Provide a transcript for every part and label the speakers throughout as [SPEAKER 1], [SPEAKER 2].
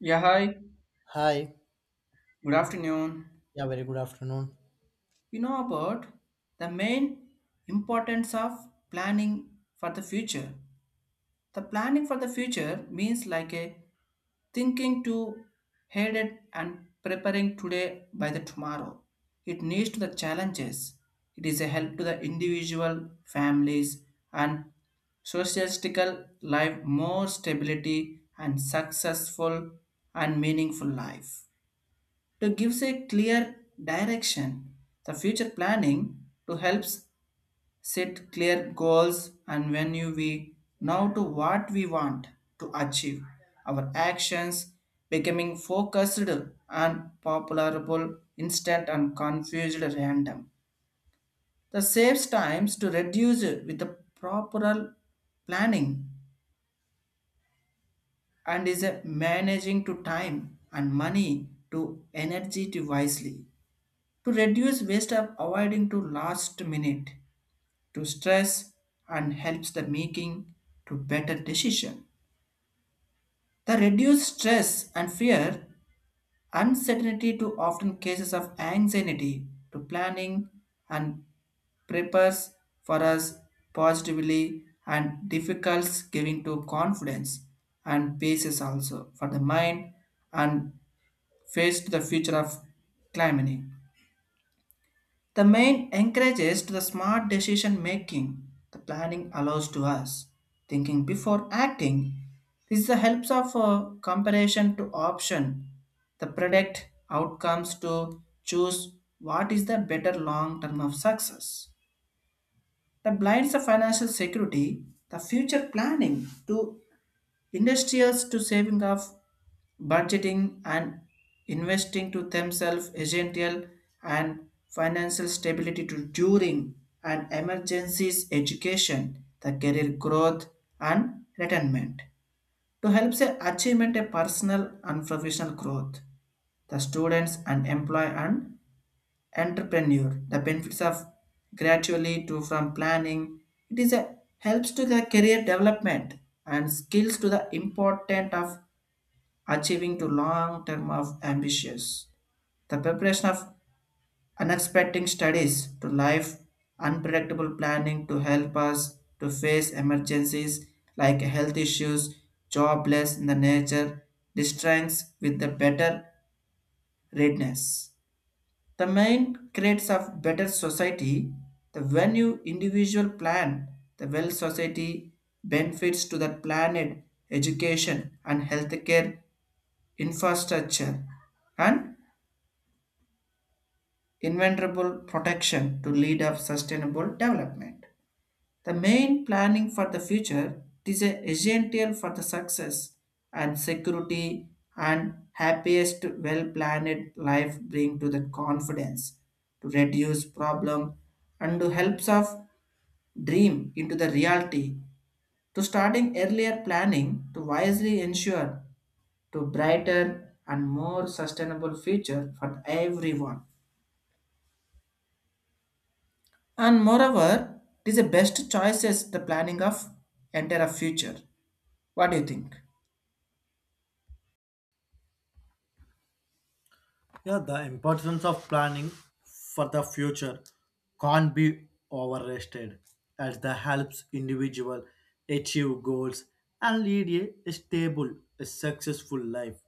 [SPEAKER 1] Yeah, hi.
[SPEAKER 2] Hi.
[SPEAKER 1] Good afternoon.
[SPEAKER 2] Yeah, very good afternoon.
[SPEAKER 1] You know about the main importance of planning for the future. The planning for the future means like a thinking to head it and preparing today by the tomorrow. It needs to the challenges. It is a help to the individual, families, and socialistical life more stability and successful and meaningful life to gives a clear direction. The future planning to helps set clear goals and when you we now to what we want to achieve. Our actions becoming focused and popularable instant and confused random. The saves times to reduce with the proper planning and is a managing to time and money to energy to wisely to reduce waste of avoiding to last minute to stress and helps the making to better decision the reduce stress and fear uncertainty to often cases of anxiety to planning and prepares for us positively and difficult giving to confidence and basis also for the mind and face to the future of climbing. The main encourages to the smart decision making. The planning allows to us thinking before acting. This is the helps of comparison to option. The predict outcomes to choose what is the better long term of success that blinds the financial security, the future planning to industrials to saving of budgeting and investing to themselves essential and financial stability to during and emergencies education, the career growth and retirement to help the achievement a personal and professional growth, the students and employ and entrepreneur the benefits of gradually to from planning it is a helps to the career development and skills to the important of achieving to long term of ambitions, the preparation of unexpected studies to life unpredictable planning to help us to face emergencies like health issues, jobless in the nature distracts with the better readiness. The main creates of better society, the when you individual plan, the well society benefits to the planet, education and healthcare infrastructure and inevitable protection to lead of sustainable development. The main planning for the future is essential for the success and security and happiest well-planned life bring to the confidence to reduce problem and to helps of dream into the reality to starting earlier planning to wisely ensure to brighter and more sustainable future for everyone, and moreover it is the best choices the planning of entire a future. What do you think?
[SPEAKER 2] Yeah, the importance of planning for the future can't be overrated as that helps individual achieve goals and lead a stable, a successful life.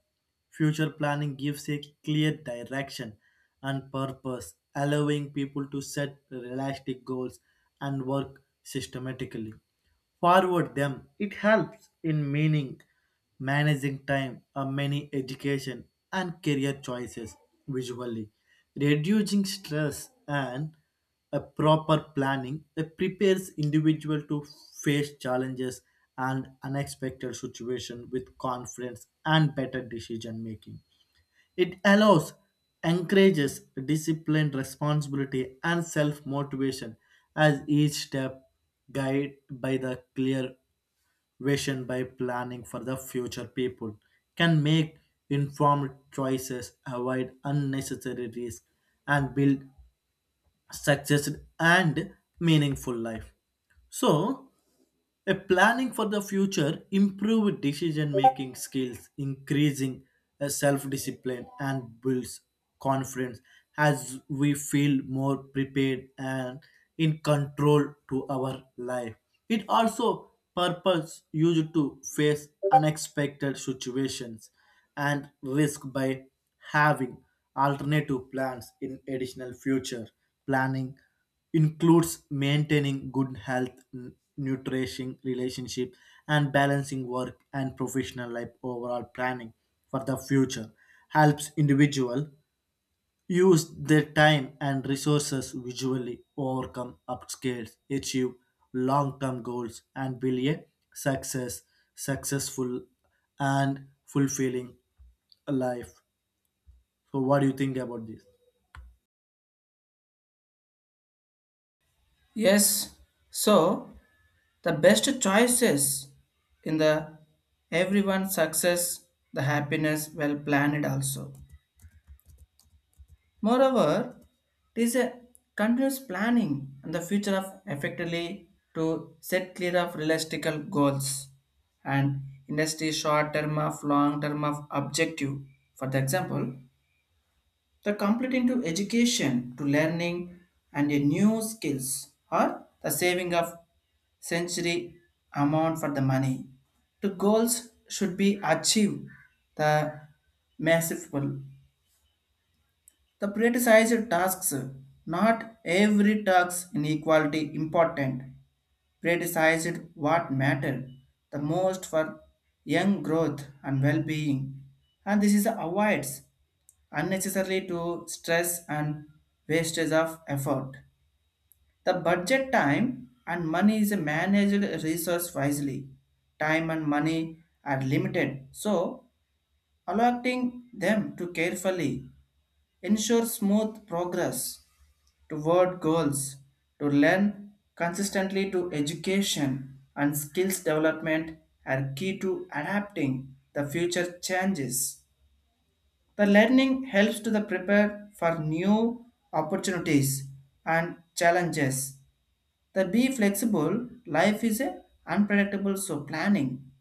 [SPEAKER 2] Future planning gives a clear direction and purpose, allowing people to set realistic goals and work systematically forward them. It helps in meaning managing time are many education and career choices visually reducing stress and a proper planning that prepares individual to face challenges and unexpected situation with confidence and better decision making. It allows, encourages discipline, responsibility, and self motivation as each step guided by the clear vision by planning for the future people can make informed choices, avoid unnecessary risks, and build success and meaningful life. So, a planning for the future, improved decision making skills, increasing self discipline, and builds confidence as we feel more prepared and in control to our life. It also purpose used to face unexpected situations and risk by having alternative plans in additional future planning includes maintaining good health, nourishing relationship, and balancing work and professional life. Overall planning for the future helps individual use their time and resources visually, overcome obstacles, achieve long-term goals, and build a success, successful, and fulfilling life. So, what do you think about this?
[SPEAKER 1] Yes, so the best choices in the everyone's success, the happiness well planned also. Moreover, it is a continuous planning and the future of effectively to set clear of realistic goals and industry short term of long term of objective. For the example, the completing to education to learning and a new skills or the saving of century amount for the money. The goals should be achieved the masterful, the prioritized tasks. Not every task in equality important. Prioritized what matter the most for young growth and well-being. And this is avoids unnecessarily to stress and wastage of effort. The budget time and money is a managed resource wisely. Time and money are limited, so allocating them to carefully ensure smooth progress toward goals to learn consistently to education and skills development are key to adapting the future changes. The learning helps to the prepare for new opportunities and challenges the be flexible, life is a unpredictable, so planning.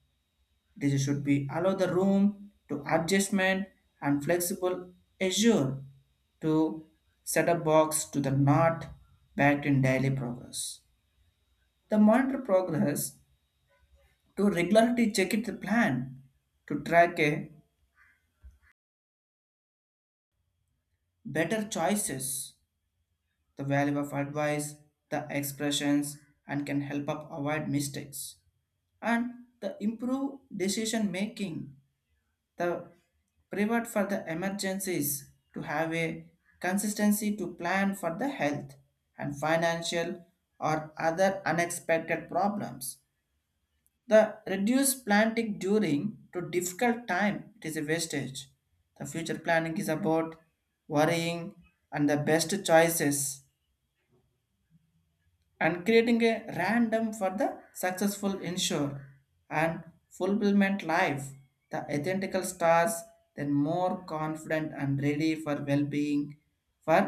[SPEAKER 1] This should be allow the room to adjustment and flexible assure to set a box to the not backed in daily progress. The monitor progress to regularly check it the plan to track a better choices, the value of advice, the expressions, and can help up avoid mistakes and the improve decision making. The pivot for the emergencies to have a consistency to plan for the health and financial or other unexpected problems. The reduced planting during to difficult time it is a wastage. The future planning is about worrying and the best choices and creating a random for the successful ensure and fulfillment life the identical stars then more confident and ready for well-being for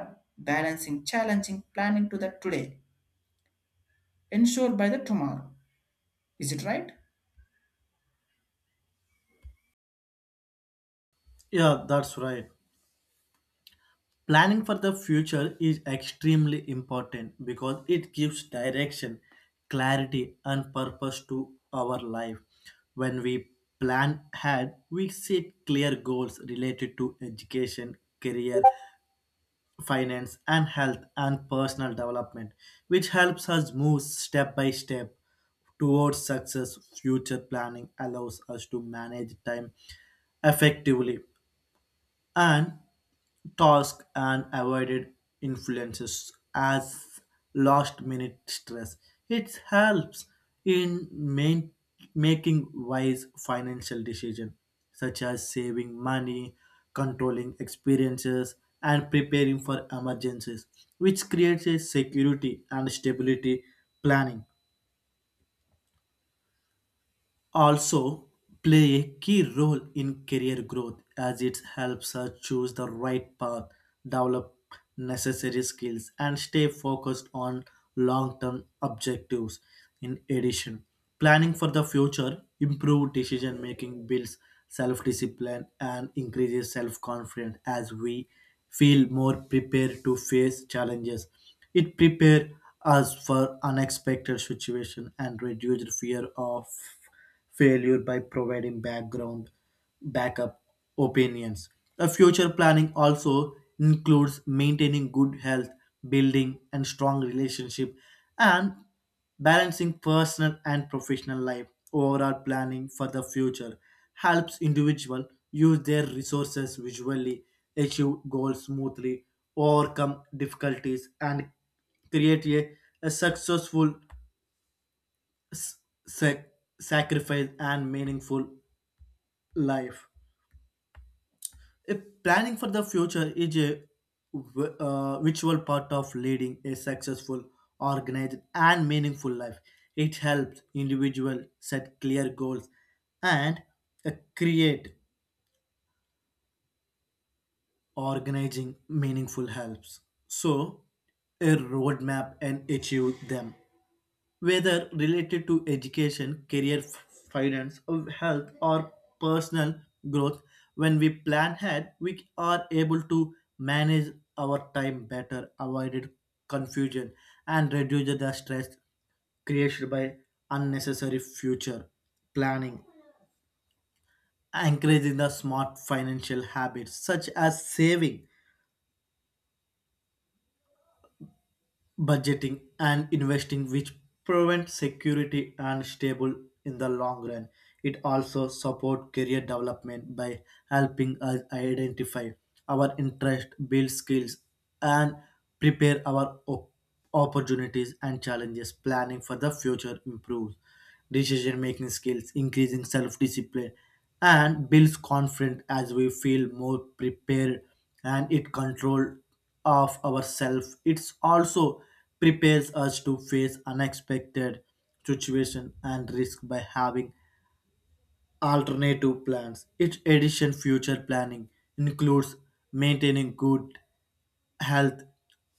[SPEAKER 1] balancing challenging planning to the today ensure by the tomorrow. Is it right?
[SPEAKER 2] Yeah, that's right. Planning for the future is extremely important because it gives direction, clarity, and purpose to our life. When we plan ahead, we set clear goals related to education, career, finance, and health and personal development, which helps us move step by step towards success. Future planning allows us to manage time effectively and task and avoided influences as last minute stress. It helps in main, making wise financial decisions such as saving money, controlling expenses, and preparing for emergencies, which creates a security and stability. Planning also play a key role in career growth as it helps us choose the right path, develop necessary skills, and stay focused on long term objectives. In addition, planning for the future improves decision making, builds self discipline, and increases self confidence as we feel more prepared to face challenges. It prepares us for unexpected situations and reduces fear of failure by providing background backup opinions. A future planning also includes maintaining good health, building and strong relationship, and balancing personal and professional life. Overall planning for the future helps individual use their resources visually, achieve goals smoothly, overcome difficulties, and create a successful, sac- sacrifice and meaningful life. If planning for the future is a virtual part of leading a successful, organized, and meaningful life, it helps individual set clear goals and create organizing meaningful helps. So, a roadmap and achieve them. Whether related to education, career, finance, or health, or personal growth, when we plan ahead, we are able to manage our time better, avoid confusion, and reduce the stress created by unnecessary future planning, encouraging the smart financial habits such as saving budgeting and investing which prevent security and stable in the long run. It also support career development by helping us identify our interest, build skills, and prepare our opportunities and challenges. Planning for the future improves decision making skills, increasing self discipline, and builds confidence as we feel more prepared and it control of ourselves. It also prepares us to face unexpected situation and risk by having alternative plans its addition future planning includes maintaining good health,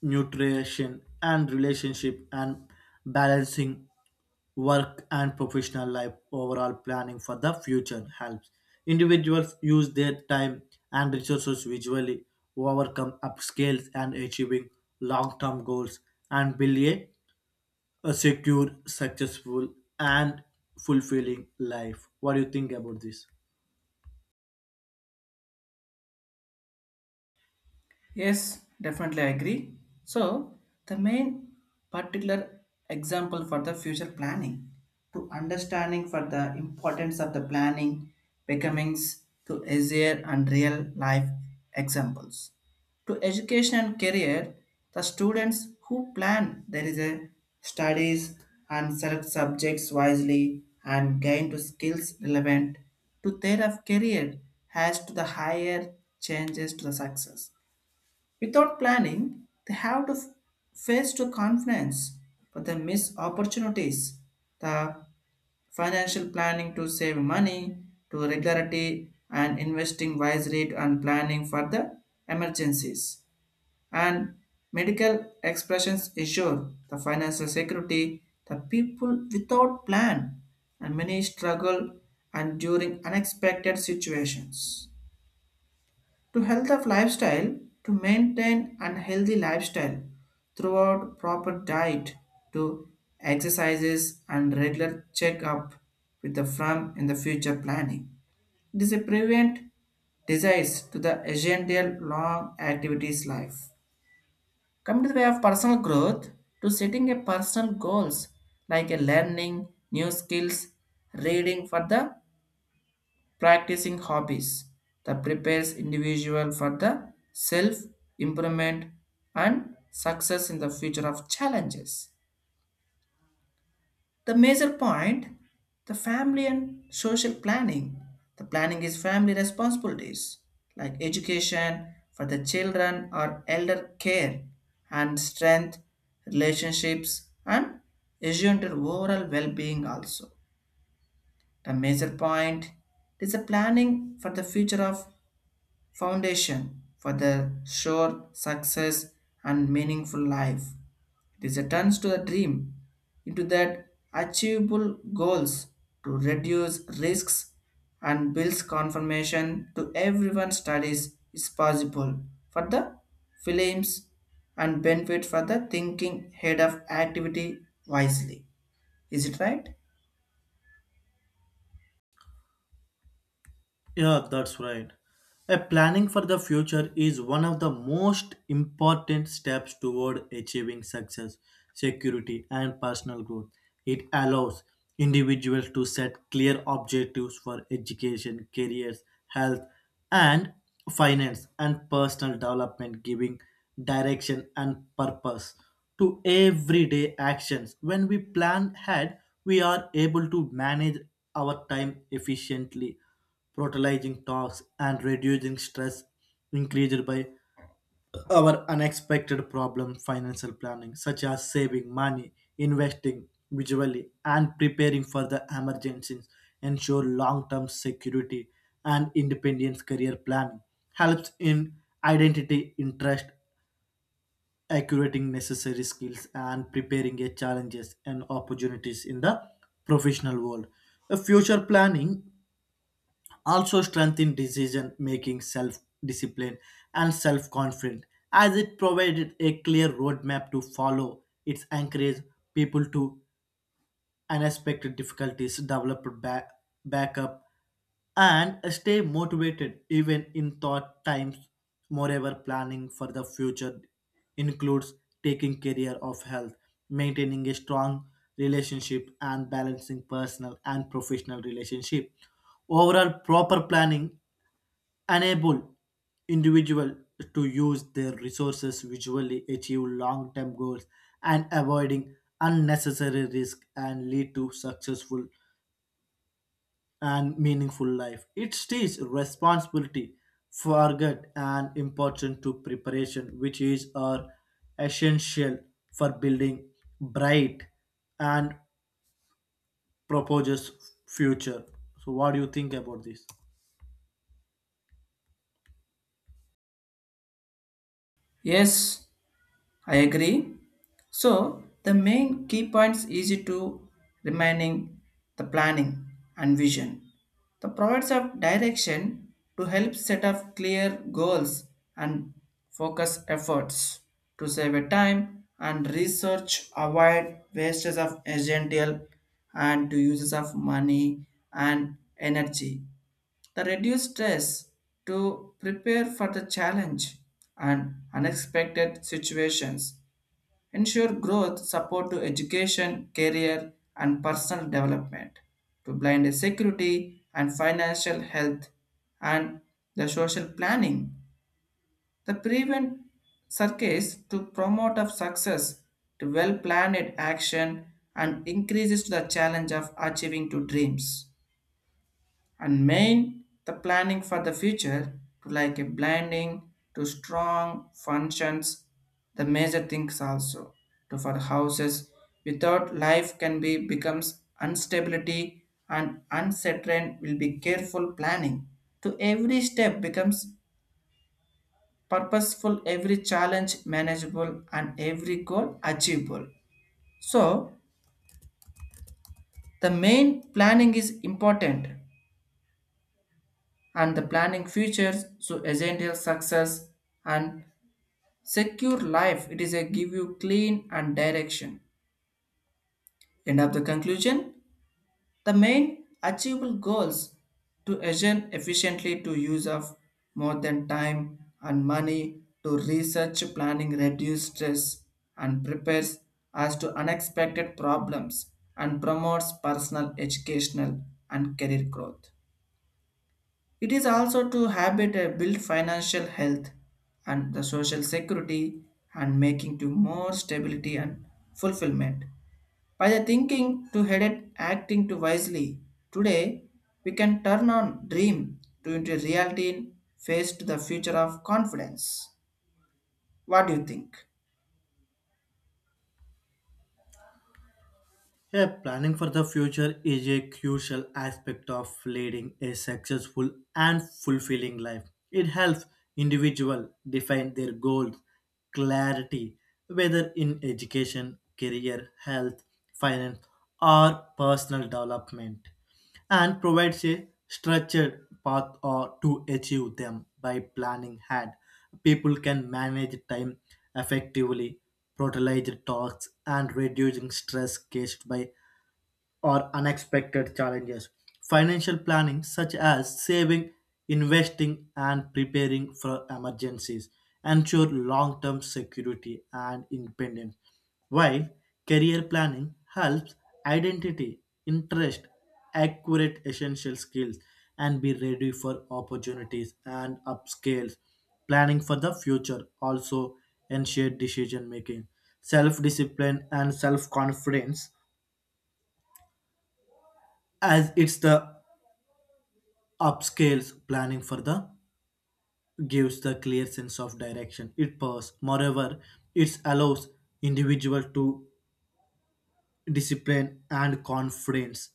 [SPEAKER 2] nutrition, and relationship, and balancing work and professional life. Overall planning for the future helps individuals use their time and resources visually, overcome upscales and achieving long-term goals, and build a secure, successful, and fulfilling life. What do you think about this?
[SPEAKER 1] Yes, definitely I agree. So, the main particular example for the future planning to understanding for the importance of the planning becomes to easier and real life examples. To education and career, the students who plan there is a studies and select subjects wisely and gain to skills relevant to their of career has to the higher changes to the success. Without planning, they have to face to confidence, but they miss opportunities. The financial planning to save money, to regularity and investing wisely and planning for the emergencies. And medical expressions ensure the financial security, the people without plan and many struggle and during unexpected situations to health of lifestyle to maintain unhealthy lifestyle throughout proper diet to exercises and regular checkup with the firm in the future planning it is a prevent disease to the essential long activities life come to the way of personal growth to setting a personal goals like a learning new skills, reading for the practicing hobbies that prepares individual for the self improvement and success in the future of challenges. The major point, the family and social planning, the planning is family responsibilities like education for the children or elder care and strength relationships and assumed overall well-being also. The major point is the planning for the future of foundation for the sure success and meaningful life. It is a turns to the dream into that achievable goals to reduce risks and builds confirmation to everyone's studies is possible for the films and benefit for the thinking head of activity wisely. Is it right?
[SPEAKER 2] Yeah, that's right. A planning for the future is one of the most important steps toward achieving success, security, and personal growth. It allows individuals to set clear objectives for education, careers, health, and finance, and personal development, giving direction and purpose to everyday actions. When we plan ahead, we are able to manage our time efficiently, brutalizing talks and reducing stress increased by our unexpected problem. Financial planning such as saving money, investing visually, and preparing for the emergencies ensure long-term security and independence. Career planning helps in identity interest, accurating necessary skills, and preparing a challenges and opportunities in the professional world. A future planning also strengthen decision making, self discipline, and self confidence, as it provided a clear roadmap to follow. It encouraged people to unexpected difficulties, develop back, backup, and stay motivated even in thought times. Moreover, planning for the future includes taking care of health, maintaining a strong relationship, and balancing personal and professional relationship. Overall, proper planning enable individual to use their resources visually, achieve long-term goals, and avoiding unnecessary risk and lead to successful and meaningful life. It teaches responsibility forget and important to preparation which is are essential for building bright and proposes future. So, what do you think about this?
[SPEAKER 1] Yes, I agree. So the main key points easy to remaining the planning and vision. The provides of direction to help set up clear goals and focus efforts to save a time and research avoid wastes of agential and to uses of money and energy. The reduce stress to prepare for the challenge and unexpected situations ensure growth, support to education, career, and personal development, to blind security and financial health, and the social planning. The prevent circus to promote of success, to well planned action, and increases the challenge of achieving to dreams and main the planning for the future to like a blending to strong functions, the major things also to for houses without life can be becomes instability and uncertain will be careful planning to every step becomes purposeful, every challenge manageable, and every goal achievable. So the main planning is important and the planning futures so essential success and secure life, it is a give you clean and direction. End of the conclusion, the main achievable goals to agent efficiently to use of more than time and money to research planning reduce stress and prepares as to unexpected problems and promotes personal educational and career growth. It is also to habit a build financial health and the social security and making to more stability and fulfillment. By the thinking to headed acting to wisely, today we can turn on dream to into reality and face to the future of confidence. What do you think?
[SPEAKER 2] Yeah, planning for the future is a crucial aspect of leading a successful and fulfilling life. It helps individuals define their goals, clarity, whether in education, career, health, finance, or personal development and provides a structured path or to achieve them by planning ahead. People can manage time effectively, prioritize tasks, and reducing stress caused by or unexpected challenges. Financial planning, such as saving, investing, and preparing for emergencies, ensure long term security and independence, while career planning helps identity, interest, accurate essential skills, and be ready for opportunities and upscales. Planning for the future also ensure decision making, self discipline, and self confidence as it's the upscales planning for the gives the clear sense of direction it pursues. Moreover, it allows individual to discipline and confidence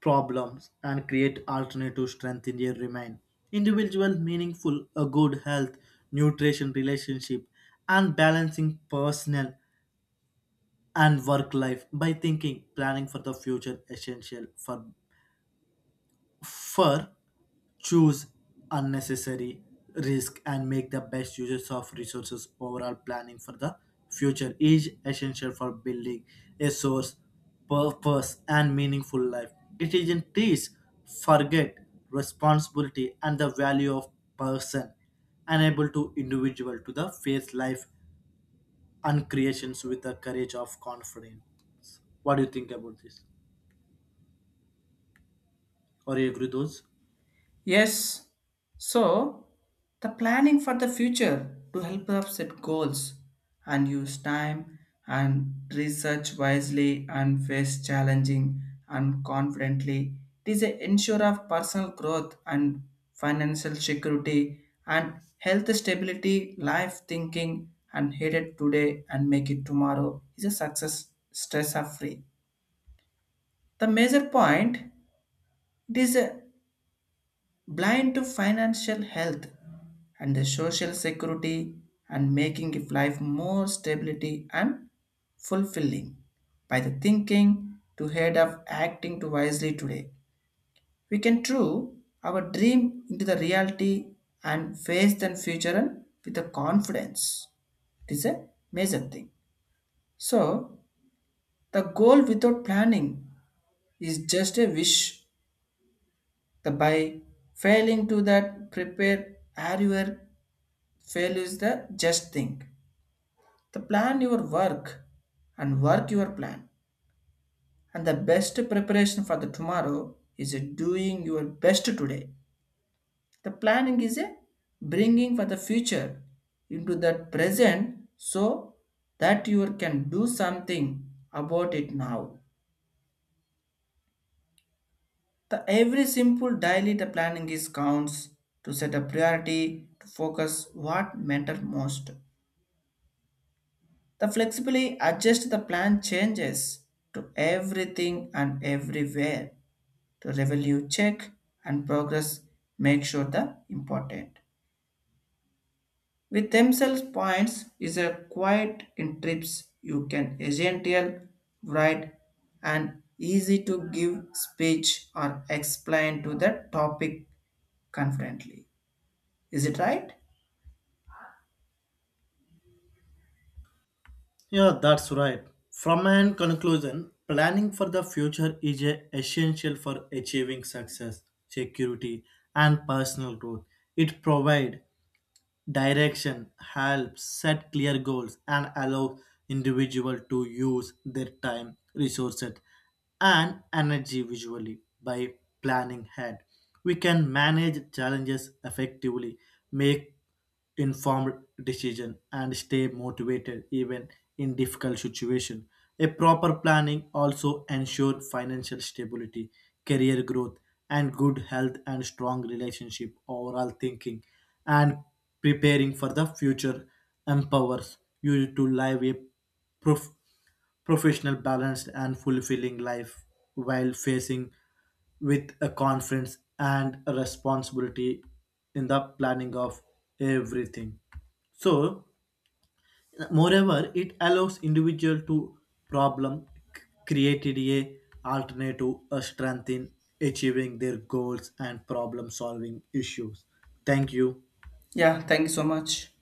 [SPEAKER 2] problems and create alternative strength in their remain. Individual meaningful a good health, nutrition relationship and balancing personal and work life by thinking planning for the future essential for fur choose unnecessary risk and make the best uses of resources. Overall planning for the future is essential for building a source purpose and meaningful life. It isn't this forget responsibility and the value of person unable to individual to the face life and creations with the courage of confidence. What do you think about this, or you agree those?
[SPEAKER 1] Yes. So, the planning for the future to help us set goals and use time and research wisely and face challenging and confidently. It is a ensure of personal growth and financial security and health stability, life thinking and headed today and make it tomorrow is a success stress are free. The major point it is a blind to financial health and the social security and making if life more stability and fulfilling by the thinking to head of acting to wisely today we can true our dream into the reality and face the future and with the confidence, it is a major thing. So the goal without planning is just a wish, the by failing to that prepare earlier. Fail is the just thing. The plan your work and work your plan. And the best preparation for the tomorrow is doing your best today. The planning is a bringing for the future into that present so that you can do something about it now. The every simple daily the planning is counts to set a priority to focus what matter most. The flexibly adjust the plan changes to everything and everywhere to revenue check and progress make sure the important. With themselves points is a quiet in trips you can essential write and easy to give speech or explain to the topic confidently. Is it right?
[SPEAKER 2] Yeah, that's right. From an conclusion, planning for the future is a essential for achieving success, security, and personal growth. It provides direction, helps set clear goals, and allow individual to use their time, resources, and energy visually by planning ahead. We can manage challenges effectively, make informed decision, and stay motivated even in difficult situation. A proper planning also ensure financial stability, career growth, and good health and strong relationship. Overall, thinking and preparing for the future empowers you to live a prof- professional, balanced, and fulfilling life while facing with a confidence and a responsibility in the planning of everything. So, moreover, it allows individual to problem created a alternative a strength in achieving their goals and problem solving issues. Thank you.
[SPEAKER 1] Yeah, thank you so much.